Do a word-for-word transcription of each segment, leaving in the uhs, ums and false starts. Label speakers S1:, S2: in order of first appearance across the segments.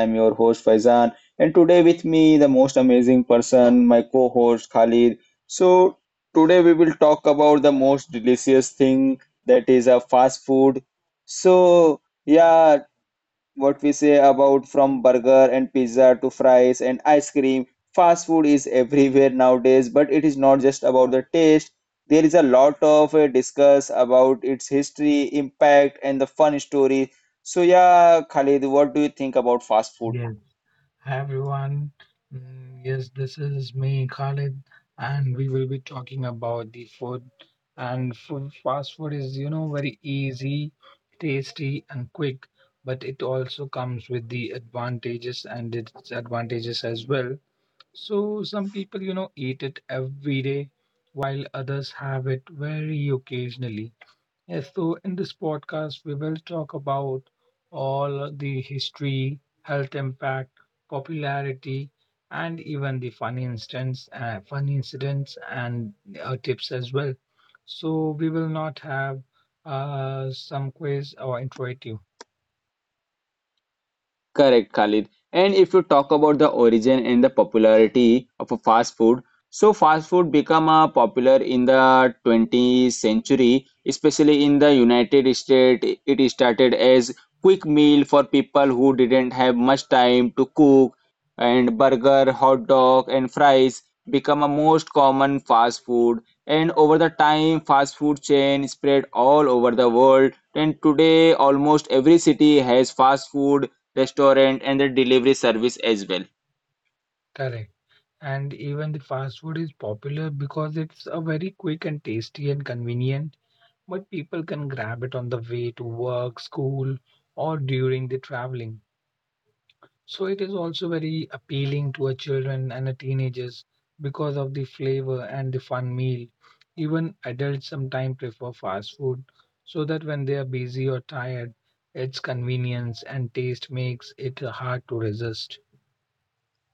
S1: I'm your host Faizan, and today with me the most amazing person, my co-host Khalid. So today we will talk about the most delicious thing that is a fast food. So yeah, what we say about from burger and pizza to fries and ice cream, fast food is everywhere nowadays, but it is not just about the taste. There is a lot of uh, discuss about its history, impact and the fun story. So yeah, Khalid, what do you think about fast food?
S2: Yes, hi everyone. Mm, Yes, this is me, Khalid, and we will be talking about the food. And food, fast food is, you know, very easy, tasty, and quick, but it also comes with the advantages and disadvantages as well. So some people, you know, eat it every day, while others have it very occasionally. Yes, so in this podcast, we will talk about all the history, health impact, popularity, and even the funny instance, uh, funny incidents and uh, tips as well. So we will not have uh, some quiz or interactive,
S1: Correct, Khalid. And if you talk about the origin and the popularity of a fast food, so fast food become uh, popular in the twentieth century, especially in the United States. It started as quick meal for people who didn't have much time to cook, and burger, hot dog, and fries become a most common fast food. And over the time, fast food chain spread all over the world. And today, almost every city has fast food restaurant and the delivery service as well.
S2: correct? And even the fast food is popular because it's a very quick and tasty and convenient, but people can grab it on the way to work, school, or during the traveling. So it is also very appealing to a children and a teenagers because of the flavor and the fun meal. Even adults sometimes prefer fast food so that when they are busy or tired, its convenience and taste makes it hard to resist.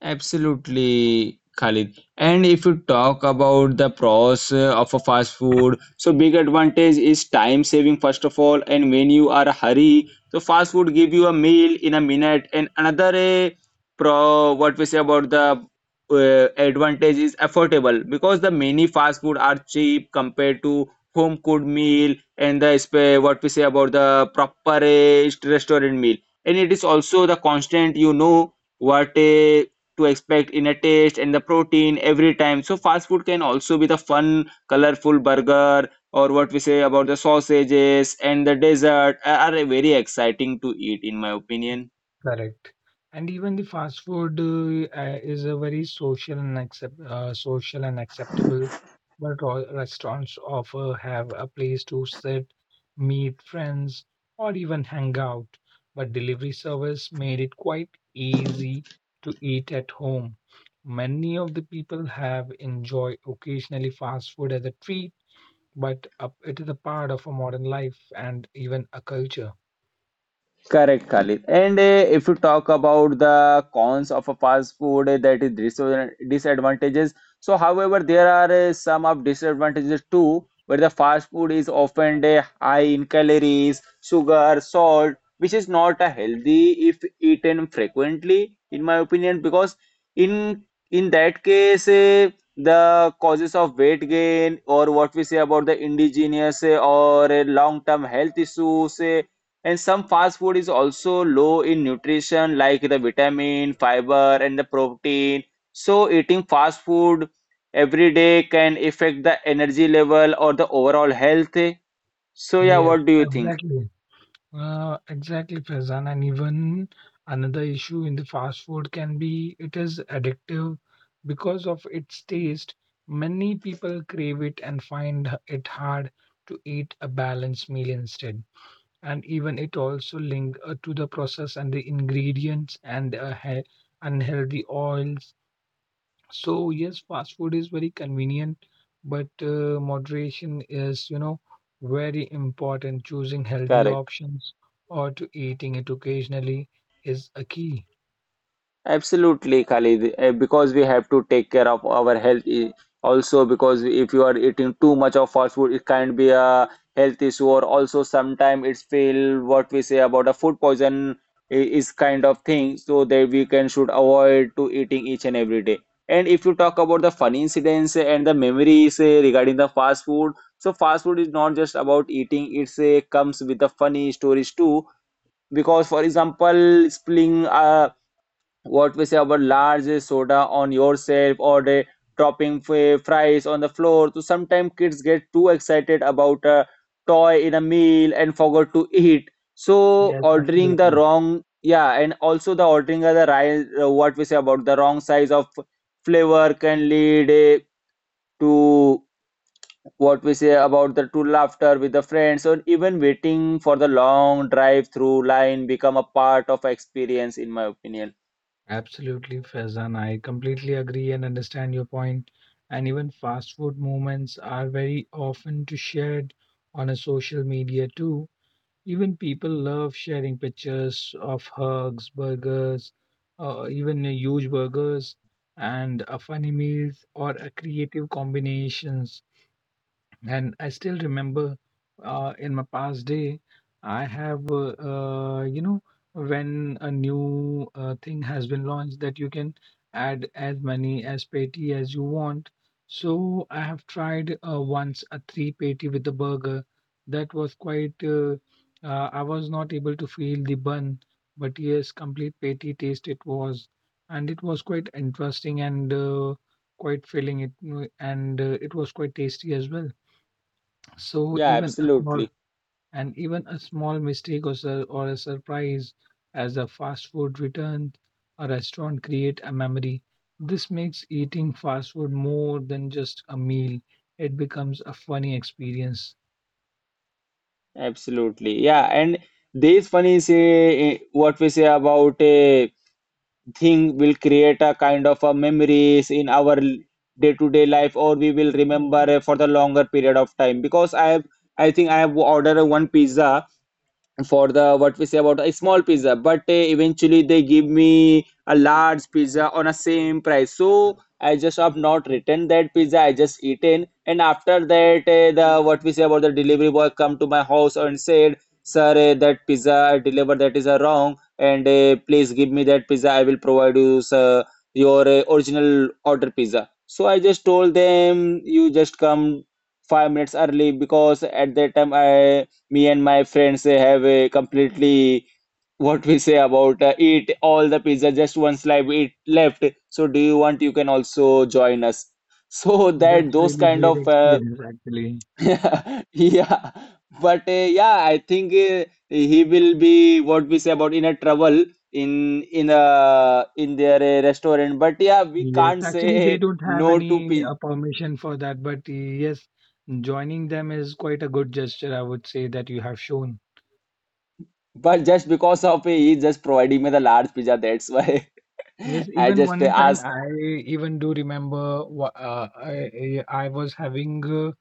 S1: Absolutely, Khalid. And if you talk about the pros uh, of a fast food, so big advantage is time saving first of all. And when you are a hurry, so fast food give you a meal in a minute. And another uh, pro, what we say about the uh, advantage is affordable, because the many fast food are cheap compared to home cooked meal and the sp- what we say about the proper uh, restaurant meal. And it is also the constant, you know what uh, to expect in a taste and the protein every time. So fast food can also be the fun, colorful burger or what we say about the sausages and the dessert are are very exciting to eat in my opinion.
S2: Correct. And even the fast food uh, uh, is a very social and accept, uh, social and acceptable, but ro- restaurants offer have a place to sit, meet friends, or even hang out. But delivery service made it quite easy to eat at home. Many of the people have enjoy occasionally fast food as a treat, but uh, it is a part of a modern life and even a culture.
S1: Correct, Khalid. And uh, if you talk about the cons of a fast food, uh, that is dis- disadvantages. So however, there are uh, some of disadvantages too, where the fast food is often uh, high in calories, sugar, salt, which is not uh, healthy if eaten frequently, in my opinion, because in in that case, uh, the causes of weight gain or what we say about the indigenous uh, or uh, long-term health issues. Uh, and some fast food is also low in nutrition, like the vitamin, fiber, and the protein. So eating fast food every day can affect the energy level or the overall health. So yeah,
S2: Yes,
S1: what do you think?
S2: exactly. Uh, exactly, Faizan. And even another issue in the fast food can be it is addictive because of its taste. Many people crave it and find h- it hard to eat a balanced meal instead. And even it also linked uh, to the process and the ingredients and uh, he- unhealthy oils so yes, fast food is very convenient, but uh, moderation is, you know, very important. Choosing healthy
S1: Correct.
S2: options or to eating it occasionally is a key.
S1: Absolutely, Khalid, eh, because we have to take care of our health. eh, Also, because if you are eating too much of fast food, it can be a health issue, or also sometimes it's feel what we say about a food poison i- is kind of thing, so that we can should avoid to eating each and every day. And if you talk about the funny incidents and the memories eh, regarding the fast food, so fast food is not just about eating; it's eh, comes with the funny stories too, because for example spilling a what we say about large soda on yourself or the dropping f- fries on the floor. So sometimes kids get too excited about a toy in a meal and forgot to eat. So
S2: Yes,
S1: ordering the
S2: absolutely.
S1: wrong, yeah, and also the ordering of the right, uh, what we say about the wrong size of flavor can lead eh, to what we say about the to laughter with the friends, or even waiting for the long drive through line become a part of experience in my opinion.
S2: Absolutely, Faizan. I completely agree and understand your point. And even fast food moments are very often to shared on a social media too. Even people love sharing pictures of hugs, burgers, uh, even huge burgers, and uh, funny meals or uh, creative combinations. And I still remember uh, in my past day, I have, uh, uh, you know, when a new uh, thing has been launched that you can add as many as patty as you want. So I have tried uh, once a three patty with the burger. That was quite, uh, uh, I was not able to feel the bun, but yes, complete patty taste it was. And it was quite interesting and uh, quite filling it, uh, and uh, it was quite tasty as well. So
S1: Yeah,
S2: even a small
S1: absolutely.
S2: and even a small mistake or, sur- or a surprise as a fast food return a restaurant create a memory. This makes eating fast food more than just a meal. It becomes a funny experience.
S1: Absolutely. Yeah, and this funny say eh, eh, what we say about a thing will create a kind of a memories in our day-to-day life, or we will remember eh, for the longer period of time, because I have I think I have ordered a one pizza for the what we say about a small pizza, but uh, eventually they give me a large pizza on a same price, so I just have not returned that pizza, I just eaten. And after that, uh, the what we say about the delivery boy come to my house and said, sir, uh, that pizza I delivered, that is uh, wrong, and uh, please give me that pizza, I will provide you sir, your uh, original order pizza. So I just told them, you just come five minutes early, because at that time I me and my friends uh, have a completely what we say about uh, eat all the pizza, just one slice it left, so do you want, you can also join us. So that
S2: That's
S1: those
S2: really
S1: kind
S2: great
S1: of uh,
S2: experience actually.
S1: yeah, but uh, yeah, I think uh, he will be what we say about in a trouble in in a in their uh, restaurant, but yeah, we
S2: Yes,
S1: can't
S2: actually they
S1: say
S2: don't have
S1: no to
S2: any
S1: pizza.
S2: uh, permission for that, but uh, yes, joining them is quite a good gesture I would say that you have shown.
S1: But just because of uh, he just providing me the large pizza, that's why
S2: Yes,
S1: I
S2: even
S1: just uh,
S2: one time
S1: asked.
S2: I even do remember wha- uh, I, I I was having uh,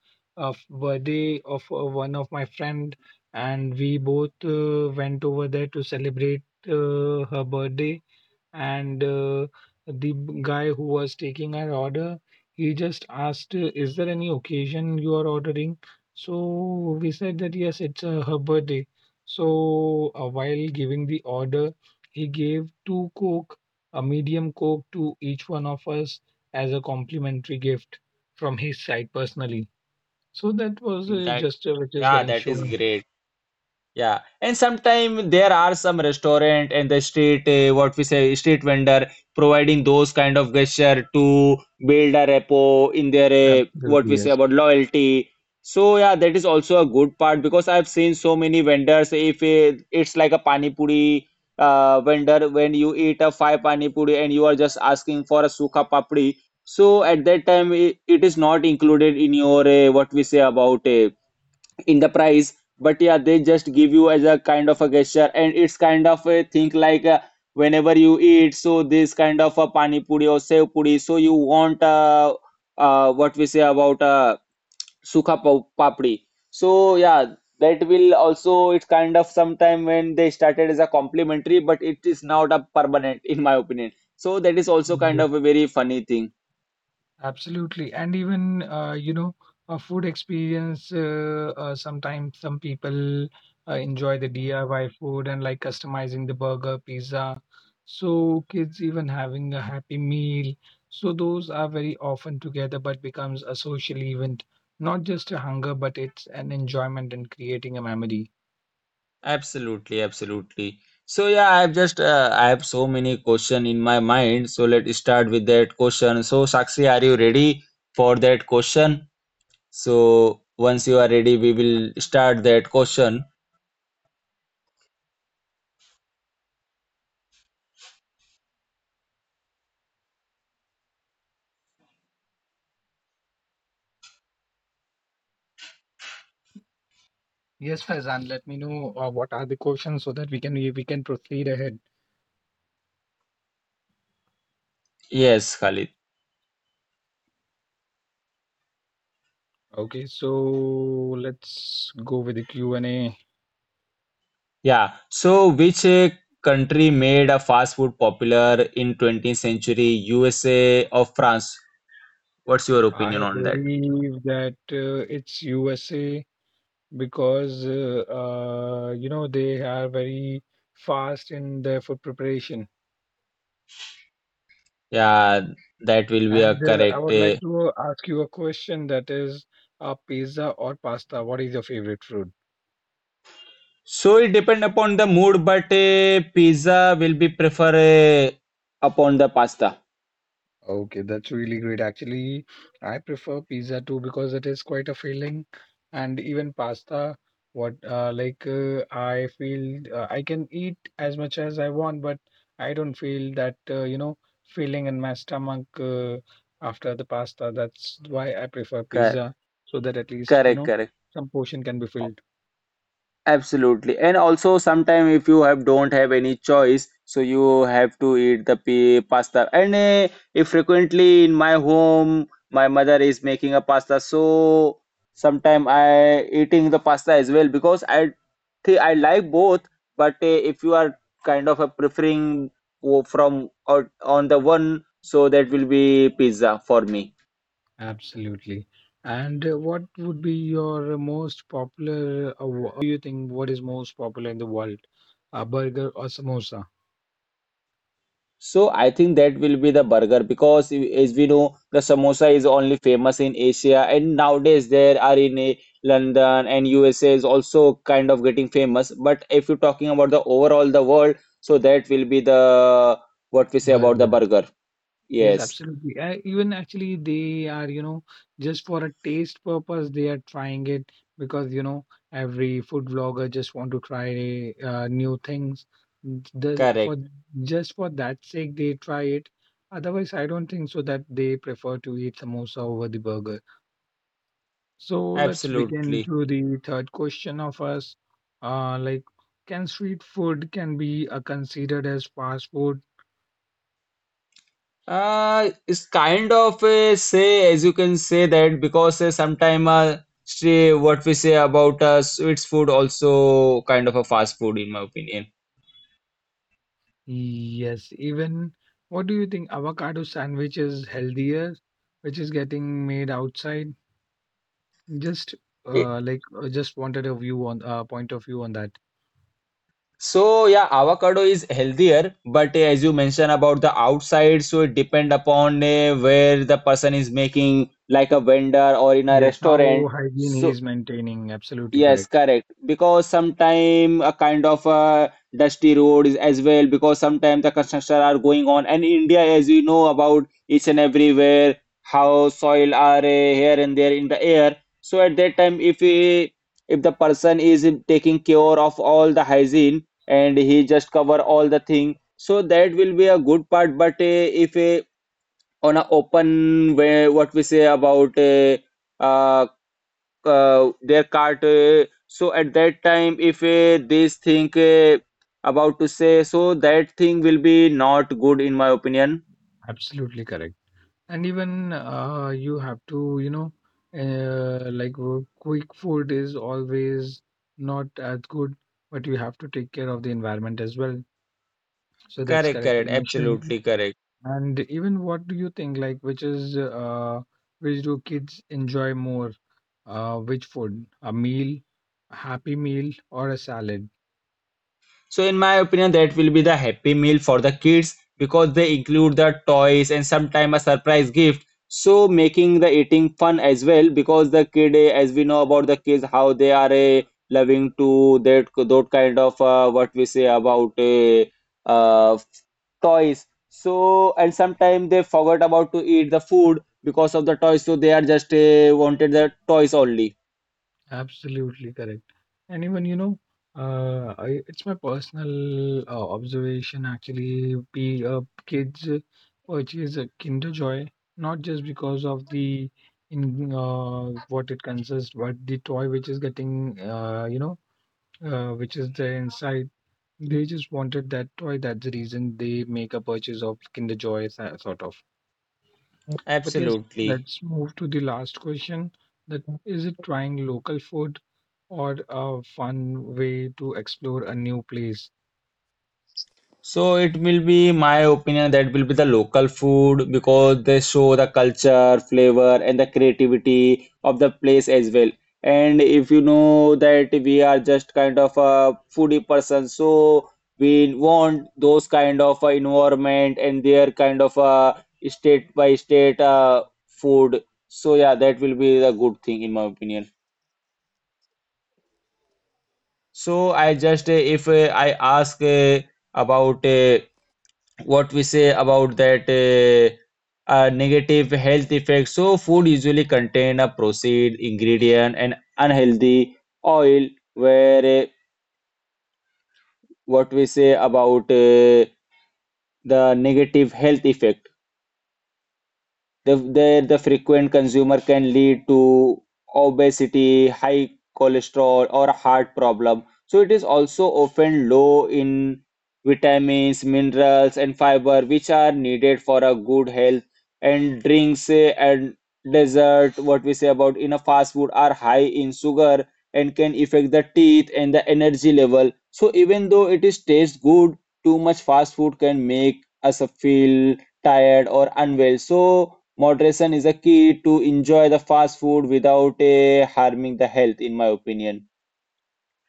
S2: a f- birthday of uh, one of my friend and we both uh, went over there to celebrate uh, her birthday and uh, the b- guy who was taking our order he just asked uh, is there any occasion you are ordering so we said that yes it's uh, her birthday so uh, while giving the order he gave two coke a medium coke to each one of us as a complimentary gift from his side personally so that was uh,
S1: That
S2: gesture which is
S1: yeah,
S2: getting
S1: that is
S2: shown
S1: great. Yeah, and sometimes there are some restaurant and the street uh, what we say street vendor providing those kind of gesture to build a repo in their uh, what
S2: absolutely
S1: we say
S2: yes.
S1: about loyalty. So yeah, that is also a good part, because I've seen so many vendors. If it, it's like a pani puri uh, vendor, when you eat a five pani puri and you are just asking for a sukha papdi, so at that time it, it is not included in your uh, what we say about a in the price, but yeah, they just give you as a kind of a gesture. And it's kind of a thing like uh, whenever you eat so this kind of a pani puri or sev puri, so you want uh, uh what we say about uh sukha pau- papdi. So yeah, that will also, it's kind of sometime when they started as a complimentary, but it is not a permanent in my opinion. So that is also kind of a very funny thing.
S2: Absolutely. And even, uh, you know, a food experience, uh, uh, sometimes some people uh, enjoy the D I Y food and like customizing the burger, pizza. So kids even having a happy meal. So those are very often together, but becomes a social event, not just a hunger, but it's an enjoyment and creating a memory.
S1: Absolutely, absolutely. So yeah, I've just uh, I have so many question in my mind. So let's start with that question. So Sakshi, are you ready for that question? So once you are ready, we will start that question.
S2: Yes, Faizan, let me know uh, what are the questions so that we can we, we can proceed ahead.
S1: Yes, Khalid.
S2: Okay, so let's go with the Q and A.
S1: Yeah. So which uh, country made a fast food popular in twentieth century? U S A or France? What's your opinion
S2: I
S1: on that?
S2: believe that uh, it's U S A because uh, uh, you know they are very fast in their food preparation.
S1: Yeah, that will be a
S2: And uh, I
S1: correct
S2: would
S1: uh,
S2: like to ask you a question that is, uh, pizza or pasta? What is your favorite food?
S1: So it depend upon the mood, but uh, pizza will be prefer uh, upon the pasta.
S2: Okay, that's really great. Actually, I prefer pizza too because it is quite a filling, and even pasta. What uh, like uh, I feel uh, I can eat as much as I want, but I don't feel that uh, you know feeling in my stomach uh, after the pasta. That's why I prefer
S1: Cor-
S2: pizza, so that at least you
S1: Correct,
S2: know
S1: correct.
S2: some portion can be filled.
S1: Absolutely. And also sometime if you have don't have any choice, so you have to eat the pa- pasta. And eh, if frequently in my home, my mother is making a pasta, so sometime I eating the pasta as well because I think I like both. But eh, if you are kind of a preferring o- from or on the one, so that will be pizza for me.
S2: Absolutely. And uh, what would be your most popular, uh, wh- uh, what do you think, what is most popular in the world? A burger or samosa?
S1: So I think that will be the burger, because i- as we know, the samosa is only famous in Asia and nowadays there are in eh, London and U S A is also kind of getting famous. But if you're talking about the overall the world, so that will be the what we say about the
S2: Burger.
S1: burger.
S2: Yes,
S1: Yes.
S2: absolutely. Uh, even actually, they are, you know, just for a taste purpose, they are trying it because, you know, every food vlogger just want to try uh, new things. The,
S1: Correct,
S2: for just for that sake, they try it. Otherwise, I don't think so that they prefer to eat samosa over the burger. So let's begin
S1: absolutely.
S2: to the third question of us. Uh, like, can street food can be uh, considered as fast food?
S1: Uh, it's kind of a say, as you can say, that because uh, sometime uh, say what we say about uh, sweets food also kind of a fast food in my opinion.
S2: Yes. Even what do you think? Avocado sandwich is healthier, which is getting made outside. Just uh, like uh, just wanted a view on uh, point of view on that.
S1: So yeah, avocado is healthier, but uh, as you mentioned about the outside, so it depend upon uh, where the person is making, like a vendor or in a
S2: Yes,
S1: restaurant.
S2: how hygiene he
S1: So
S2: is maintaining. Absolutely
S1: yes,
S2: correct.
S1: correct. Because sometime a kind of a dusty road is as well. Because sometimes the construction are going on, and India, as you know, about each and everywhere how soil are uh, here and there in the air. So at that time, if he, if the person is taking care of all the hygiene and he just cover all the thing, so that will be a good part. But uh, if uh, on a open way, what we say about uh, uh, uh, their cart uh, so at that time if uh, this thing uh, about to say, so that thing will be not good in my opinion.
S2: Absolutely correct. And even uh, you have to you know uh, like wo- quick food is always not as good but you have to take care of the environment as well so that's
S1: Correct,
S2: correctly
S1: correct,
S2: mentioned
S1: absolutely correct.
S2: and even what do you think like which is uh, which do kids enjoy more uh, which food a meal a happy meal or a salad.
S1: So in my opinion, that will be the happy meal for the kids because they include the toys and sometimes a surprise gift, so making the eating fun as well. Because the kid, uh, as we know about the kids, how they are uh, loving to that that kind of uh, what we say about uh, uh, toys. So and sometimes they forgot about to eat the food because of the toys, so they are just uh, wanted the toys only.
S2: Absolutely correct. And even, you know, uh, I, it's my personal uh, observation actually. P, uh, kids uh, purchase a Kinder Joy not just because of the in uh, what it consists, but the toy which is getting, uh, you know, uh, which is there inside. They just wanted that toy. That's the reason they make a purchase of Kinder Joy, so- sort of. But yes,
S1: Absolutely.
S2: let's move to the last question. That is it trying local food or a fun way to explore a new place?
S1: So it will be my opinion that will be the local food because they show the culture, flavor, and the creativity of the place as well. And if you know that we are just kind of a foodie person, so we want those kind of uh, environment and their kind of uh, state by state uh, food. So yeah, that will be the good thing in my opinion. So I just uh, if uh, I ask uh, about uh, what we say about that uh, uh, negative health effects. So food usually contain a processed ingredient and unhealthy oil, where uh, what we say about uh, the negative health effect. The, the, the frequent consumer can lead to obesity, high cholesterol, or heart problem. So it is also often low in vitamins, minerals, and fiber, which are needed for a good health. And drinks eh, and dessert, what we say about in a fast food, are high in sugar and can affect the teeth and the energy level. So even though it is taste good, too much fast food can make us feel tired or unwell. So moderation is a key to enjoy the fast food without eh, harming the health, in my opinion.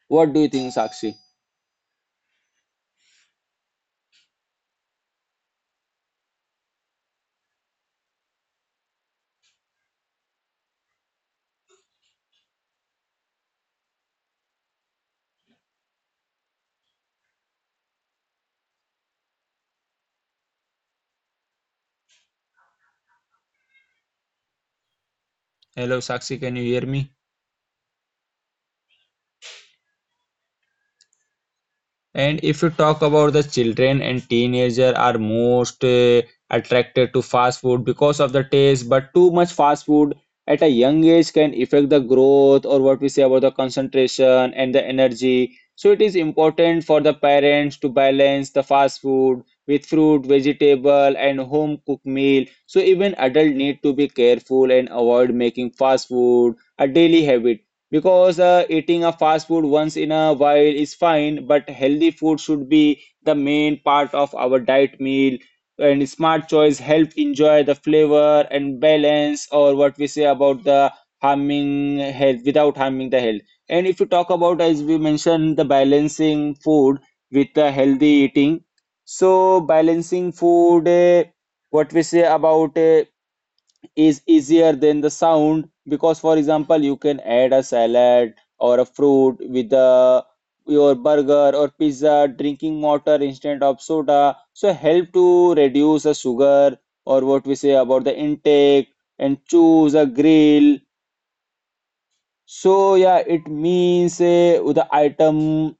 S1: What do you think, Sakshi? Hello, Sakshi, can you hear me? And if you talk about the children and teenager are most uh, attracted to fast food because of the taste, but too much fast food at a young age can affect the growth or what we say about the concentration and the energy. So it is important for the parents to balance the fast food with fruit, vegetable, and home cooked meal. So even adult need to be careful and avoid making fast food a daily habit. Because uh, eating a fast food once in a while is fine, but healthy food should be the main part of our diet meal. And smart choice help enjoy the flavor and balance, or what we say about the harming health without harming the health. And if you talk about, as we mentioned, the balancing food with the healthy eating. So balancing food, eh, what we say about, eh, is easier than the sound, because for example you can add a salad or a fruit with the your burger or pizza, drinking water instead of soda, so help to reduce the sugar or what we say about the intake, and choose a grill. So yeah, it means uh, the item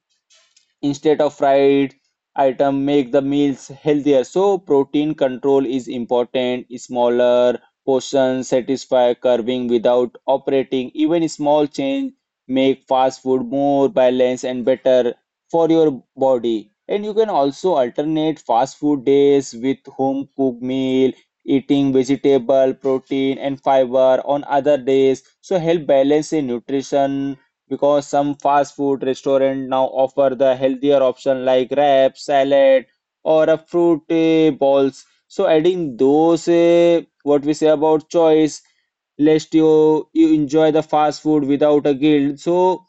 S1: instead of fried item, make the meals healthier. So protein control is important. Smaller portions satisfy craving without operating. Even small change make fast food more balanced and better for your body. And you can also alternate fast food days with home cooked meal, eating vegetable, protein and fiber on other days, so help balance the nutrition, because some fast food restaurant now offer the healthier option like wraps, salad, or a fruit uh, balls. So adding those, uh, what we say about choice, lest you you enjoy the fast food without a guilt. So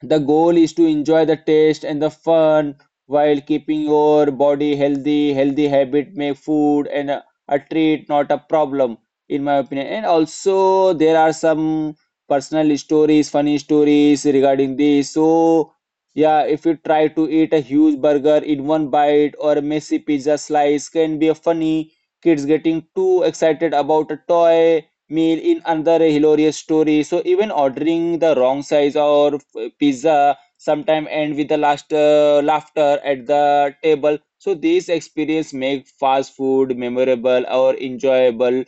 S1: the goal is to enjoy the taste and the fun while keeping your body healthy. Healthy habit make food and a, a treat, not a problem, in my opinion. And also there are some personal stories, funny stories regarding this. So yeah, if you try to eat a huge burger in one bite or a messy pizza slice can be a funny. Kids getting too excited about a toy meal in another hilarious story. So even ordering the wrong size or f- pizza sometime end with the last uh, laughter at the table. So these experience make fast food memorable or enjoyable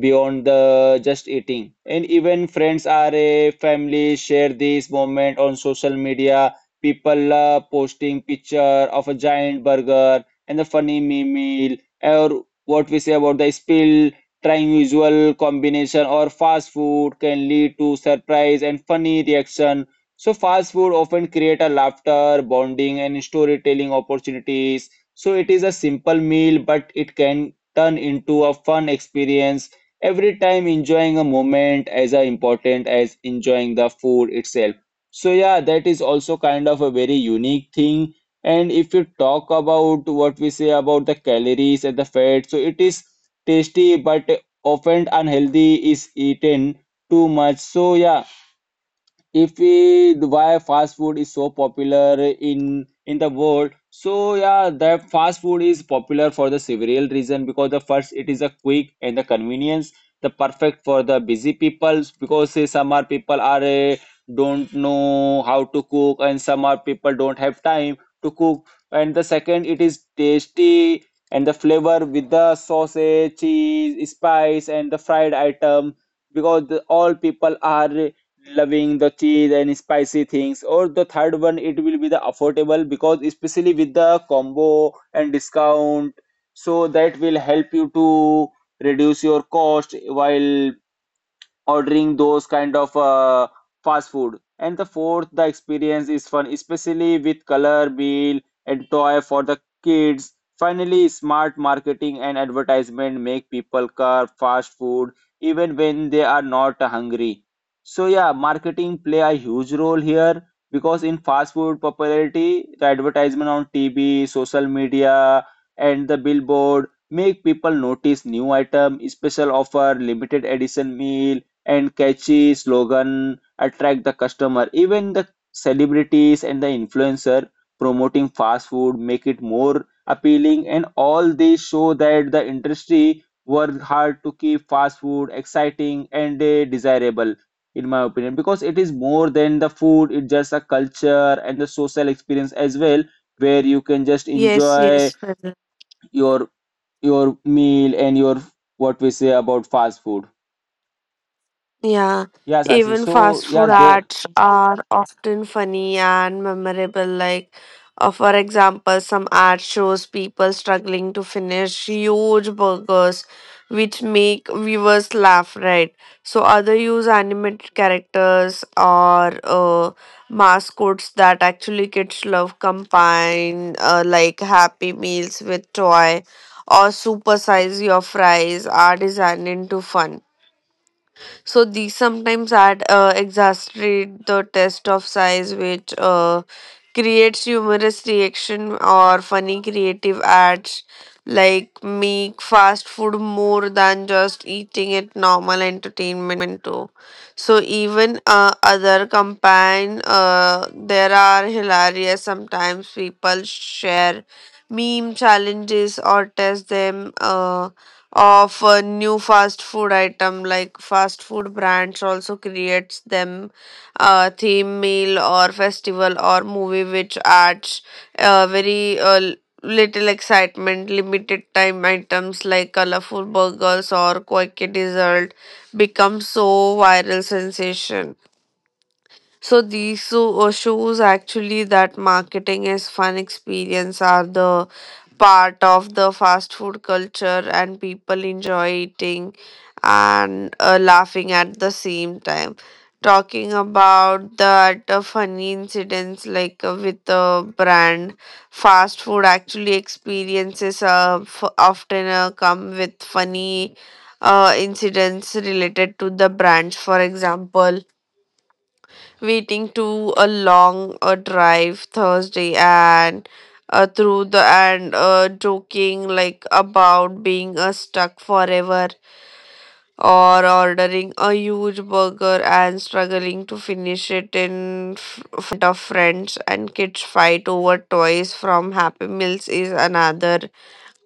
S1: beyond the just eating. And even friends are a family share this moment on social media. People love posting picture of a giant burger and the funny meme meal, or what we say about the spill, trying usual combination or fast food can lead to surprise and funny reaction. So fast food often create a laughter, bonding and storytelling opportunities. So it is a simple meal, but it can turn into a fun experience every time. Enjoying a moment as uh, important as enjoying the food itself. So yeah, that is also kind of a very unique thing. And if you talk about what we say about the calories and the fat, so it is tasty but often unhealthy is eaten too much. So yeah, if we why fast food is so popular in in the world. So yeah, that fast food is popular for the several reason, because the first, it is a quick and the convenience, the perfect for the busy people, because say some are people are eh, don't know how to cook and some are people don't have time to cook. And the second, it is tasty and the flavor with the sausage, cheese, spice and the fried item, because the, all people are loving the cheese and spicy things. Or the third one, it will be the affordable, because especially with the combo and discount, so that will help you to reduce your cost while ordering those kind of uh, fast food. And the fourth, the experience is fun, especially with color, meal, and toy for the kids. Finally, smart marketing and advertisement make people carve fast food even when they are not hungry. So yeah, marketing play a huge role here, because in fast food popularity, the advertisement on T V, social media, and the billboard make people notice new item, special offer, limited edition meal, and catchy slogan attract the customer. Even the celebrities and the influencer promoting fast food make it more appealing, and all these show that the industry worked hard to keep fast food exciting and uh, desirable in my opinion, because it is more than the food, it's just a culture and the social experience as well, where you can just
S3: Yes,
S1: enjoy
S3: yes, Faizan.
S1: your your meal and your what we say about fast food.
S3: Yeah,
S1: Yes, actually.
S3: even
S1: So
S3: fast
S1: yeah,
S3: food
S1: there.
S3: ads are often funny and memorable. Like, uh, for example, some ad shows people struggling to finish huge burgers, which make viewers laugh, right? So, other use animated characters or uh, mascots that actually kids love, combine uh, like Happy Meals with toy or super size your fries are designed into fun. So these sometimes add uh, exaggerate the test of size, which uh, creates humorous reaction or funny creative ads like make fast food more than just eating it normal entertainment too so even uh, other campaign uh, there are hilarious sometimes people share meme challenges or test them uh, of a new fast food item like fast food brands also creates them a theme meal or festival or movie which adds uh, very uh, l- little excitement limited time items like colorful burgers or quirky dessert become so viral sensation so these so, uh, shows actually that marketing as fun experience are the part of the fast food culture and people enjoy eating and uh, laughing at the same time talking about that uh, funny incidents like uh, with the brand fast food actually experiences uh, f- often uh, come with funny uh, incidents related to the brands for example waiting to a long uh, drive Thursday and uh, through the and uh, joking like about being uh, stuck forever or ordering a huge burger and struggling to finish it in f- front of friends and kids fight over toys from happy meals is another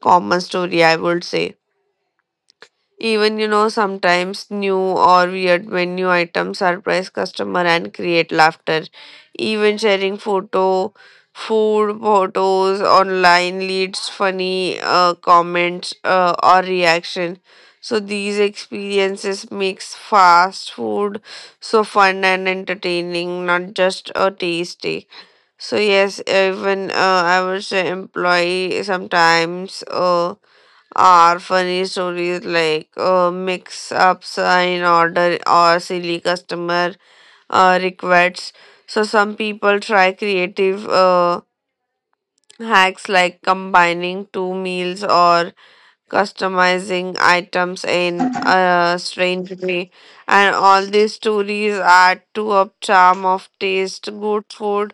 S3: common story I would say even you know sometimes new or weird menu items surprise customer and create laughter. Even sharing photo, food photos online leads funny uh, comments uh, or reaction. So these experiences makes fast food so fun and entertaining, not just a tasty. So yes, even uh, I would say employee sometimes uh, are funny stories like uh, mix up sign order or silly customer uh, requests. So some people try creative uh, hacks like combining two meals or customizing items in a strange way. And all these stories add to a charm of taste good food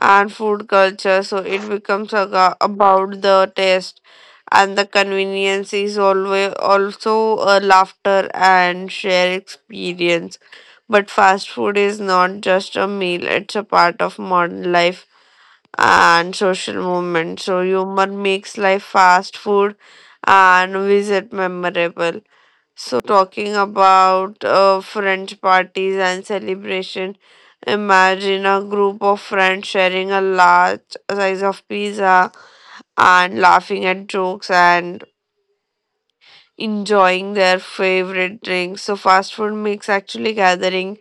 S3: and food culture. So it becomes aga- about the taste and the convenience is always also a laughter and share experience. But fast food is not just a meal, it's a part of modern life and social movement. So humor makes life fast food and visit memorable. So, talking about uh, French parties and celebration, imagine a group of friends sharing a large size of pizza and laughing at jokes and enjoying their favorite drinks. So fast food makes actually gathering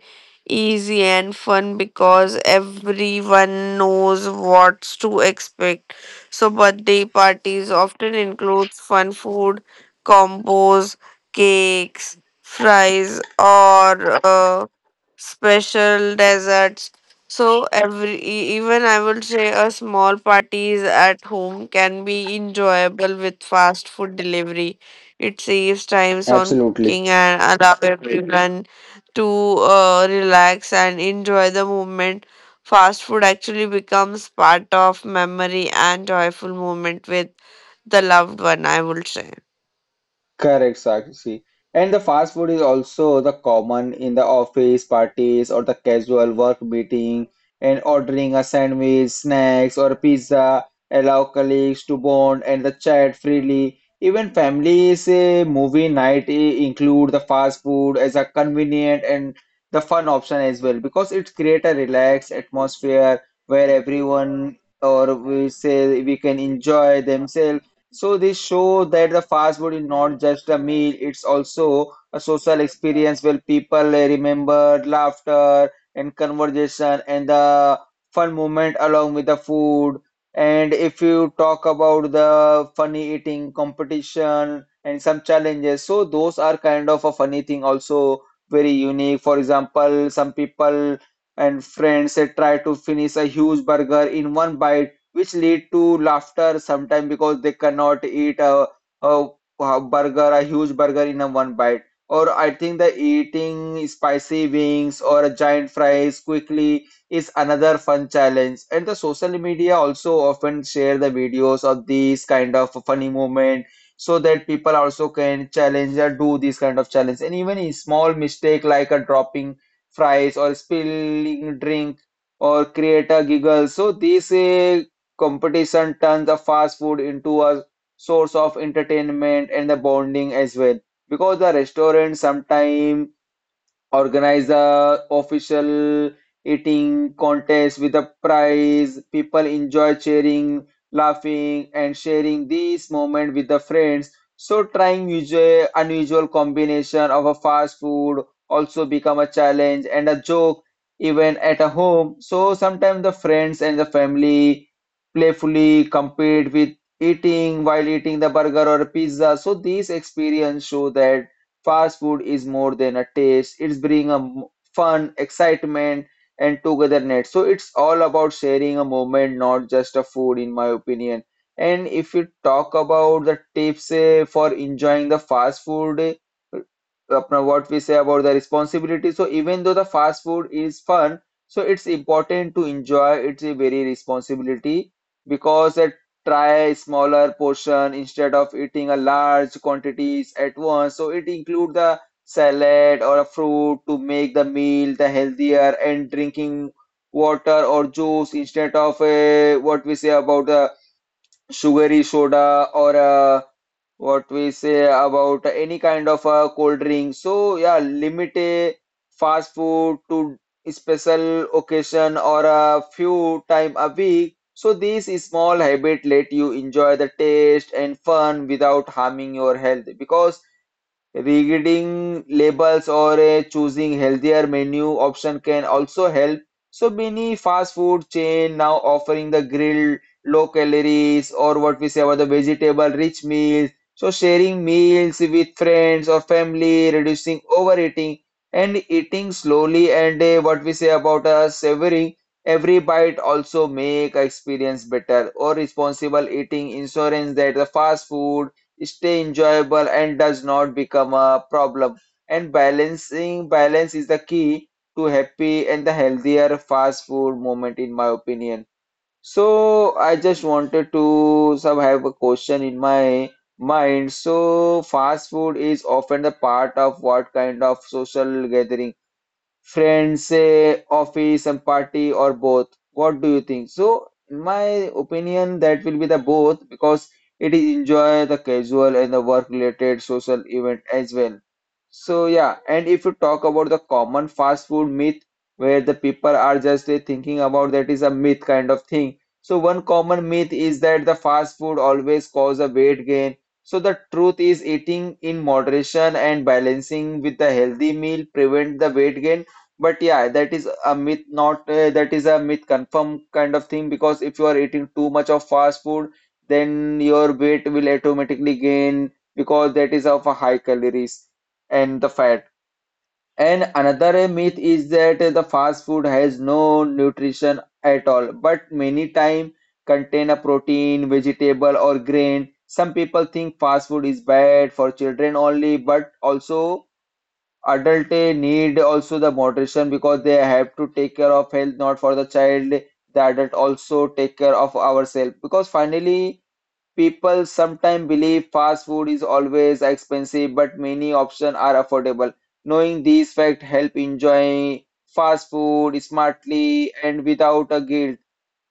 S3: easy and fun because everyone knows what's to expect. So birthday parties often include fun food combos, cakes, fries, or uh, special desserts. So every e- even I would say a small parties at home can be enjoyable with fast food delivery. It saves times on
S1: Absolutely.
S3: cooking and allow everyone to uh, relax and enjoy the moment. Fast food actually becomes part of memory and joyful moment with the loved one, I would say.
S1: Correct, Sakshi. And the fast food is also the common in the office parties or the casual work meeting, and ordering a sandwich, snacks or pizza, allow colleagues to bond and the chat freely. Even families, eh, movie night eh, include the fast food as a convenient and the fun option as well, because it create a relaxed atmosphere where everyone or we say we can enjoy themselves. So they show that the fast food is not just a meal, it's also a social experience where people eh, remember laughter and conversation and the fun moment along with the food. And if you talk about the funny eating competition and some challenges, so those are kind of a funny thing also very unique. For example, some people and friends eh, try to finish a huge burger in one bite, which lead to laughter sometimes because they cannot eat a, a, a burger, a huge burger in a one bite. Or I think the eating spicy wings or a giant fries quickly is another fun challenge. And the social media also often share the videos of these kind of funny moment, so that people also can challenge or do these kind of challenge. And even a small mistake like a dropping fries or spilling drink or create a giggle. So these uh, competition turns the fast food into a source of entertainment and the bonding as well. Because the restaurant sometimes organize a official eating contest with a prize. People enjoy cheering, laughing, and sharing these moments with the friends. So trying usual unusual combination of a fast food also become a challenge and a joke even at a home. So sometimes the friends and the family playfully compete with eating while eating the burger or pizza. So these experience show that fast food is more than a taste. It's bringing a m- fun, excitement, and togetherness. So it's all about sharing a moment, not just a food, in my opinion. And if you talk about the tips eh, for enjoying the fast food, eh, अपना what we say about the responsibility. So even though the fast food is fun, so it's important to enjoy. It's a very responsibility, because at try a smaller portion instead of eating a large quantities at once. So it include the salad or a fruit to make the meal the healthier, and drinking water or juice instead of uh, what we say about the sugary soda or uh, what we say about any kind of uh, cold drink. So yeah, limit a fast food to special occasion or a few time a week. So these small habit let you enjoy the taste and fun without harming your health, because reading labels or uh, choosing healthier menu option can also help. So many fast food chain now offering the grilled low calories or what we say about the vegetable rich meals. So sharing meals with friends or family, reducing overeating and eating slowly and uh, what we say about uh, savoring every bite also make experience better or responsible eating insurance that the fast food stay enjoyable and does not become a problem. And balancing balance is the key to happy and the healthier fast food moment, in my opinion. So I just wanted to some have a question in my mind. So fast food is often a part of what kind of social gathering? Friends, say office some party or both? What do you think? So, in my opinion, that will be the both because it is enjoy the casual and the work related social event as well. So yeah, and if you talk about the common fast food myth where the people are just uh, thinking about that is a myth kind of thing. So one common myth is that the fast food always cause a weight gain. So the truth is eating in moderation and balancing with the healthy meal prevent the weight gain, but yeah, that is a myth, not uh, that is a myth confirm kind of thing, because if you are eating too much of fast food, then your weight will automatically gain because that is of a high calories and the fat. And another uh, myth is that uh, the fast food has no nutrition at all, but many time contain a protein, vegetable or grain. Some people think fast food is bad for children only, but also adult eh, need also the moderation because they have to take care of health, not for the child, the adult also take care of ourselves, because finally people sometimes believe fast food is always expensive but many options are affordable. Knowing these facts help enjoy fast food smartly and without a guilt.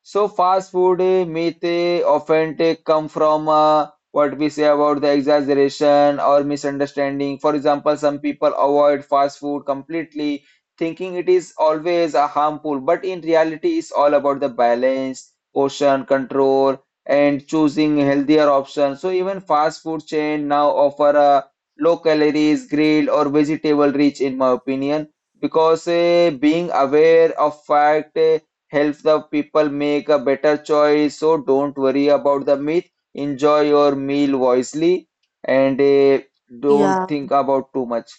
S1: So fast food eh, myth eh, often take come from uh, what we say about the exaggeration or misunderstanding. For example, some people avoid fast food completely, thinking it is always a harmful, but in reality, it's all about the balance, portion control, and choosing healthier options. So even fast food chain now offer a low calories, grilled or vegetable rich, in my opinion, because eh, being aware of fact eh, helps the people make a better choice. So don't worry about the myth. Enjoy your meal wisely and eh, don't
S3: Yeah,
S1: think about too much.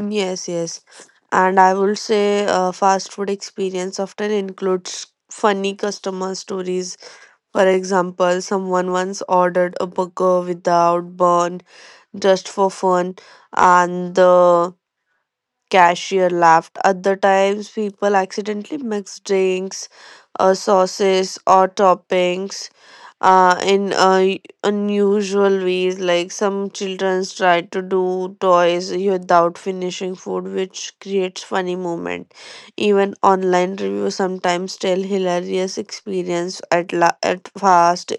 S3: yes, yes. And I would say uh, fast food experience often includes funny customer stories. For example, someone once ordered a burger without bun just for fun, and the cashier laughed. Other times, people accidentally mix drinks, uh, sauces, or toppings uh, in uh, y- unusual ways. Like some children try to do toys without finishing food, which creates funny moment. Even online reviews sometimes tell hilarious experience at la- at fast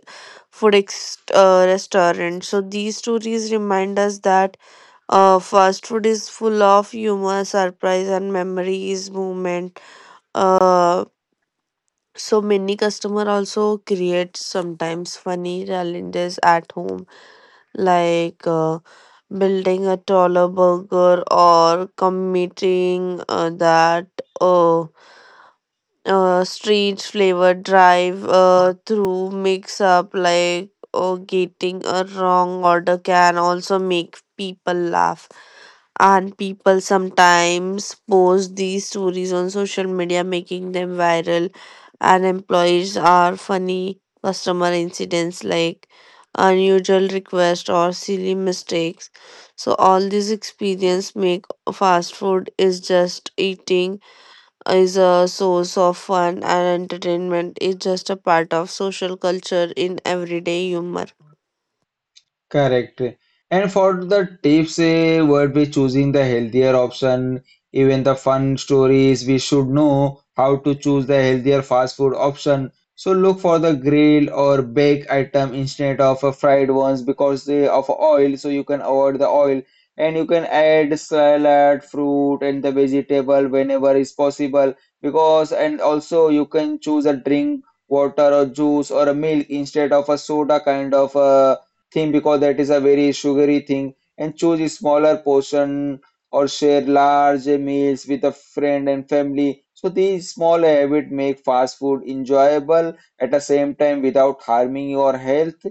S3: food ex- uh, restaurant. So these stories remind us that uh, fast food is full of humor, surprise, and memories, movement. Uh, so many customer also create sometimes funny challenges at home, like uh, building a taller burger or committing uh, that. Uh, uh, street flavor drive uh, through mix up like or getting a wrong order can also make people laugh and people sometimes post these stories on social media making them viral and employees are funny customer incidents like unusual requests or silly mistakes so all these experience make fast food is just eating is a source of fun and entertainment. It's just a part of social culture in everyday humor.
S1: Correct. And for the tips, eh, would be choosing the healthier option. Even the fun stories, we should know how to choose the healthier fast food option. So look for the grill or baked item instead of a fried ones because they of oil, so you can avoid the oil. And you can add salad, fruit, and the vegetable whenever is possible. Because and also you can choose a drink, water or juice or a milk instead of a soda kind of a thing, because that is a very sugary thing, and choose a smaller portion or share large meals with a friend and family. So these small habits make fast food enjoyable at the same time without harming your health,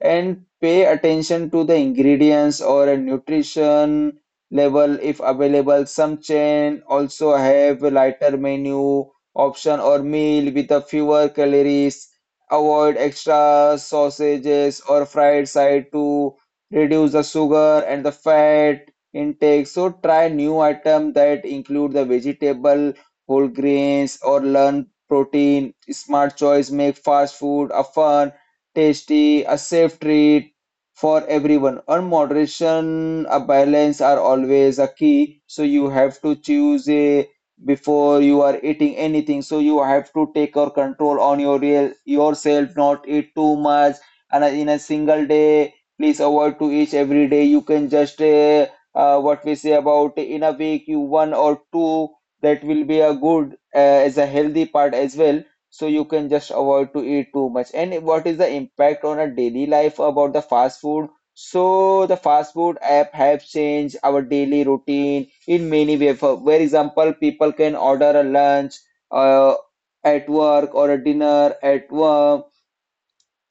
S1: and pay attention to the ingredients or a nutrition level if available. Some chain also have a lighter menu option or meal with a fewer calories. Avoid extra sausages or fried side to reduce the sugar and the fat intake. So try new item that include the vegetable, whole grains or learn protein. Smart choice make fast food a fun, tasty, a safe treat for everyone. On moderation, a balance are always a key. So you have to choose a before you are eating anything, so you have to take your control on your real yourself, not eat too much, and uh, in a single day please avoid to eat every day. You can just uh, uh, what we say about in a week you one or two, that will be a good uh, as a healthy part as well. So you can just avoid to eat too much. And what is the impact on our daily life about the fast food? So the fast food app have changed our daily routine in many ways. For for example, people can order a lunch uh, at work or a dinner at work,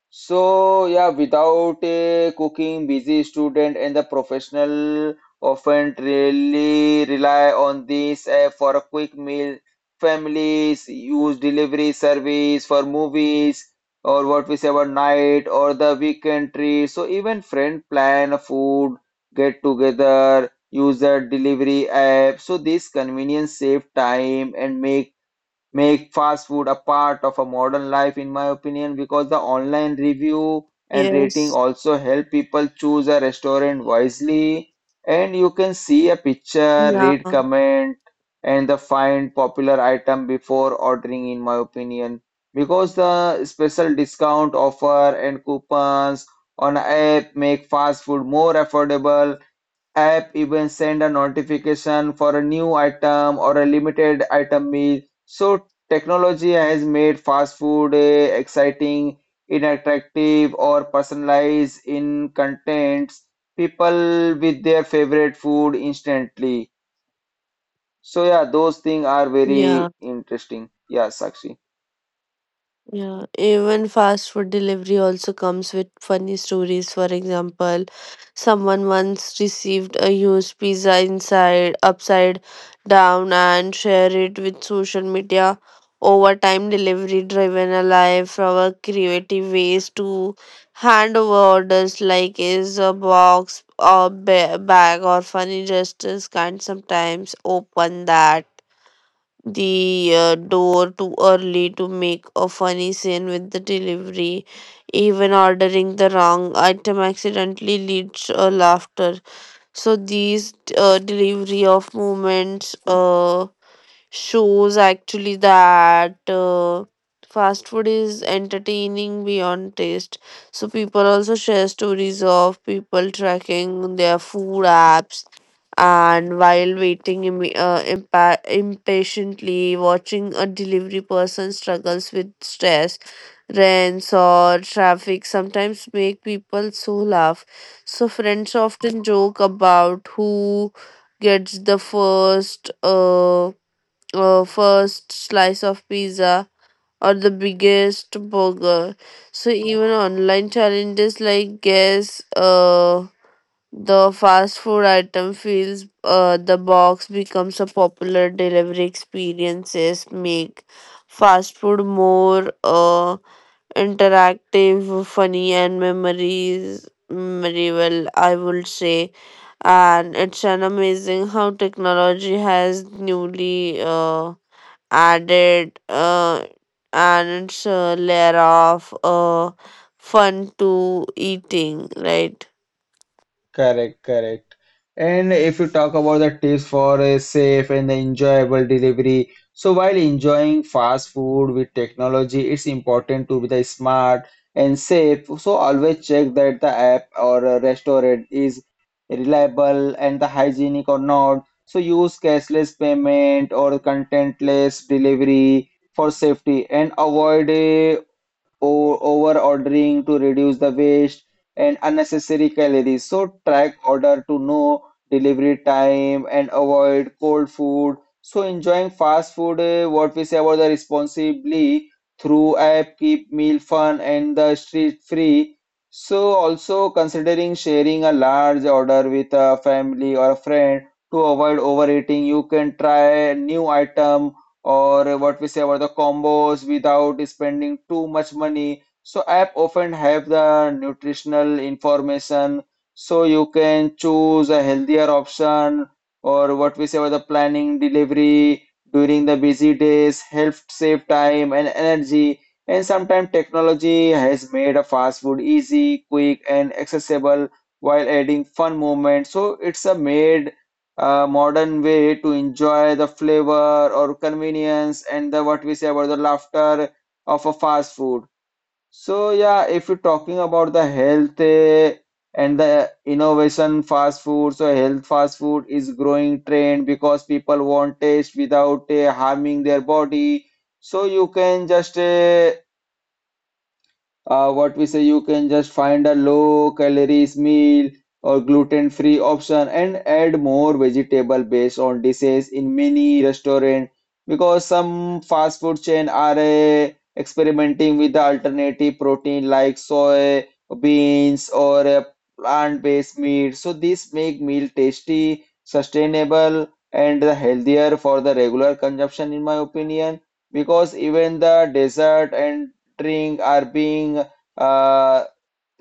S1: so yeah, without a cooking, busy student and the professional often really rely on this app for a quick meal. Families use delivery service for movies or what we say about night or the weekend trip. So even friend plan a food get together, use the delivery app. So this convenience save time and make make fast food a part of a modern life, in my opinion, because the online review and rating
S3: Yes.
S1: also help people choose a restaurant wisely, and you can see a picture, read
S3: Yeah.
S1: comment, and the find popular item before ordering, in my opinion, because the special discount offer and coupons on app make fast food more affordable. App even send a notification for a new item or a limited item meal. So technology has made fast food eh, exciting, interactive, or personalized in contents. People with their favorite food instantly. So yeah, those things are
S3: Yeah.
S1: very interesting. Yeah, Sakshi.
S3: Yeah, even fast food delivery also comes with funny stories. For example, someone once received a huge pizza inside upside down and shared it with social media. Over time, delivery driven alive from a creative ways to hand over orders like is a box or ba- bag or funny gestures can sometimes open that the uh, door too early to make a funny scene with the delivery. Even ordering the wrong item accidentally leads uh, laughter. So these uh, delivery of moments uh, shows actually that uh, fast food is entertaining beyond taste. So people also share stories of people tracking their food apps and while waiting Im- uh, impa- impatiently, watching a delivery person struggles with stress, rents or traffic sometimes make people so laugh. So friends often joke about who gets the first uh, uh first slice of pizza or the biggest burger. So even online challenges like guess uh the fast food item fills uh, the box becomes a popular delivery experiences make fast food more uh, interactive, funny and memories memorable I would say and it's an amazing how technology has newly uh, added uh, and it's a layer of uh, fun to eating right
S1: Correct, correct. And if you talk about the tips for a safe and enjoyable delivery, so while enjoying fast food with technology, it's important to be the smart and safe. So always check that the app or a restaurant is reliable and the hygienic or not. So use cashless payment or contentless delivery for safety, and avoid a or over ordering to reduce the waste and unnecessary calories. So track order to know delivery time and avoid cold food. So enjoying fast food, eh, what we say about the responsibly through app keep meal fun and the street free. So also considering sharing a large order with a family or a friend to avoid overeating, you can try a new item or what we say about the combos without spending too much money. So app often have the nutritional information, so you can choose a healthier option, or what we say about the planning delivery during the busy days help save time and energy, and sometimes technology has made a fast food easy, quick and accessible while adding fun moments. So it's a made a modern way to enjoy the flavor or convenience and the what we say about the laughter of a fast food. So yeah, if you're talking about the health eh, and the innovation fast food, so health fast food is growing trend because people want taste without eh, harming their body. So you can just eh, uh, what we say you can just find a low calories meal or gluten free option and add more vegetable based on dishes in many restaurant, because some fast food chain are uh, experimenting with the alternative protein like soy beans or uh, plant based meat, so this make meal tasty, sustainable and healthier for the regular consumption, in my opinion, because even the dessert and drink are being uh,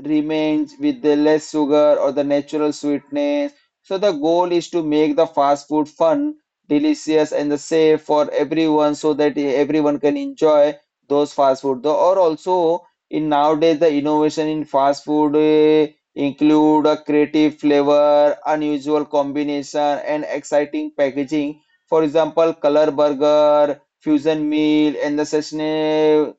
S1: remains with the less sugar or the natural sweetness. So the goal is to make the fast food fun, delicious, and the safe for everyone, so that everyone can enjoy those fast food. Though, or also in nowadays, the innovation in fast food, eh, include a creative flavor, unusual combination, and exciting packaging. For example, color burger, fusion meal, and the sesame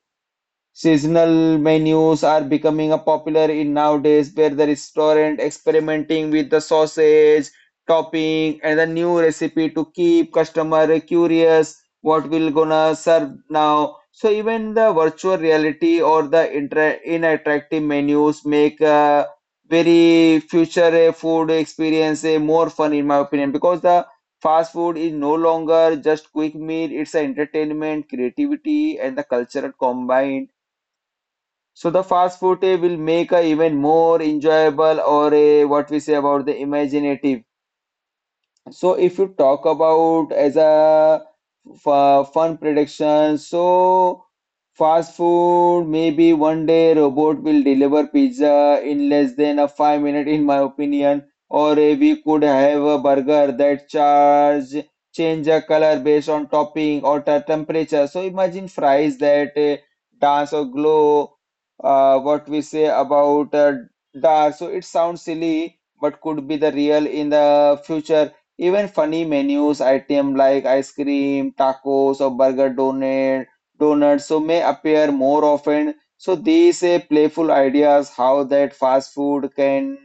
S1: seasonal menus are becoming a popular in nowadays, where the restaurant experimenting with the sausage, topping and the new recipe to keep customer curious what will gonna serve now. So even the virtual reality or the intra- inattractive menus make a very future uh, food experience uh, more fun, in my opinion, because the fast food is no longer just quick meal, it's an entertainment, creativity and the cultural combined. So the fast food eh, will make a even more enjoyable or a what we say about the imaginative. So if you talk about as a f- fun prediction, so fast food, maybe one day robot will deliver pizza in less than a five minute, in my opinion, or eh, we could have a burger that charge change a color based on topping or the temperature. So imagine fries that eh, dance or glow. Uh, what we say about uh, dark. So it sounds silly, but could be the real in the future. Even funny menus item like ice cream, tacos or burger, donut, donuts so may appear more often. So these uh, playful ideas how that fast food can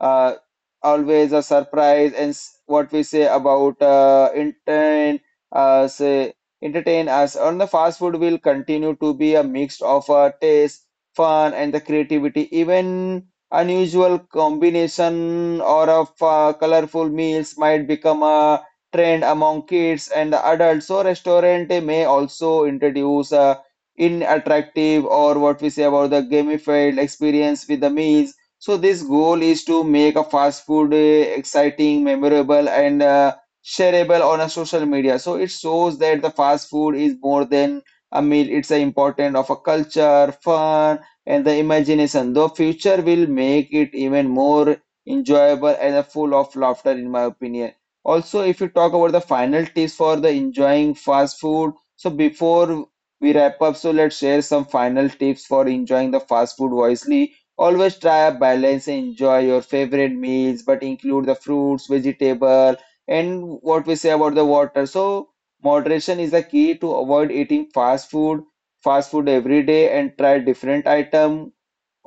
S1: uh, always a surprise and s- what we say about uh, entertain uh, say entertain us on the fast food will continue to be a mix of uh, taste, fun and the creativity. Even unusual combination or of uh, colorful meals might become a trend among kids and adults, so restaurant may also introduce uh, in attractive or what we say about the gamified experience with the meals. So this goal is to make a fast food uh, exciting, memorable, and uh, shareable on a social media. So it shows that the fast food is more than a meal; it's a important of a culture, fun, and the imagination. The future will make it even more enjoyable and uh, full of laughter, in my opinion. Also, if you talk about the final tips for the enjoying fast food, so before we wrap up, so let's share some final tips for enjoying the fast food wisely. Always try a balance and enjoy your favorite meals, but include the fruits, vegetable, and what we say about the water. So moderation is the key to avoid eating fast food, fast food every day, and try different item.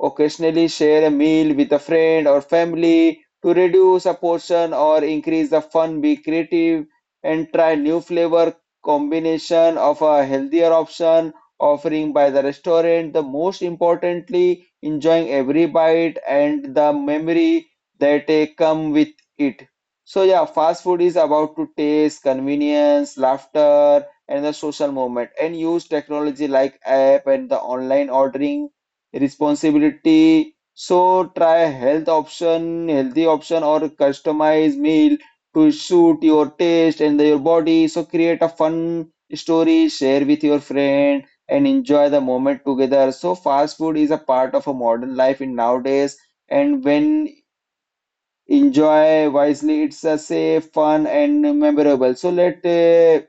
S1: Occasionally share a meal with a friend or family to reduce a portion or increase the fun. Be creative and try new flavor combination of a healthier option offering by the restaurant. The most importantly, enjoying every bite and the memory that eh, come with it. So yeah, fast food is about to taste, convenience, laughter, and the social moment, and use technology like app and the online ordering responsibility. So try health option, healthy option or customized meal to suit your taste and your body. So create a fun story, share with your friend and enjoy the moment together. So fast food is a part of a modern life in nowadays, and when enjoy wisely it's a safe, fun and memorable. So let uh,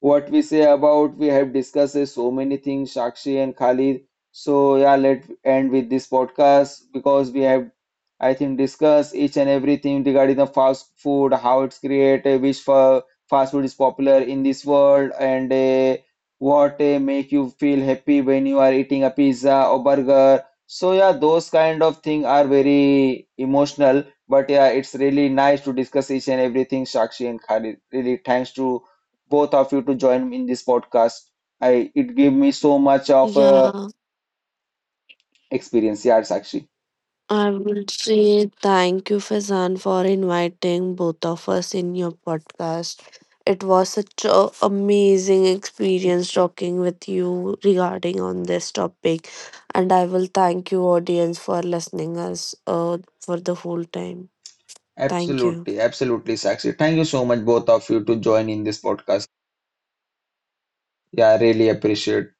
S1: what we say about we have discussed is so many things, Sakshi and Khalid. So yeah, let end with this podcast, because we have I think discussed each and everything regarding the fast food, how it's created, which fa- fast food is popular in this world, and uh, what uh, make you feel happy when you are eating a pizza or burger. So yeah, those kind of things are very emotional, but yeah, it's really nice to discuss each and everything, Sakshi and Khalid. Really thanks to both of you to join me in this podcast. I it gave me so much of a
S3: yeah
S1: experience. Yeah, Sakshi.
S3: I will say thank you, Fazan, for inviting both of us in your podcast. It was such a amazing experience talking with you regarding on this topic, and I will thank you, audience, for listening us uh, for the whole time. Thank you.
S1: Absolutely, absolutely, Sakshi. Thank you so much, both of you, to join in this podcast. Yeah, I really appreciate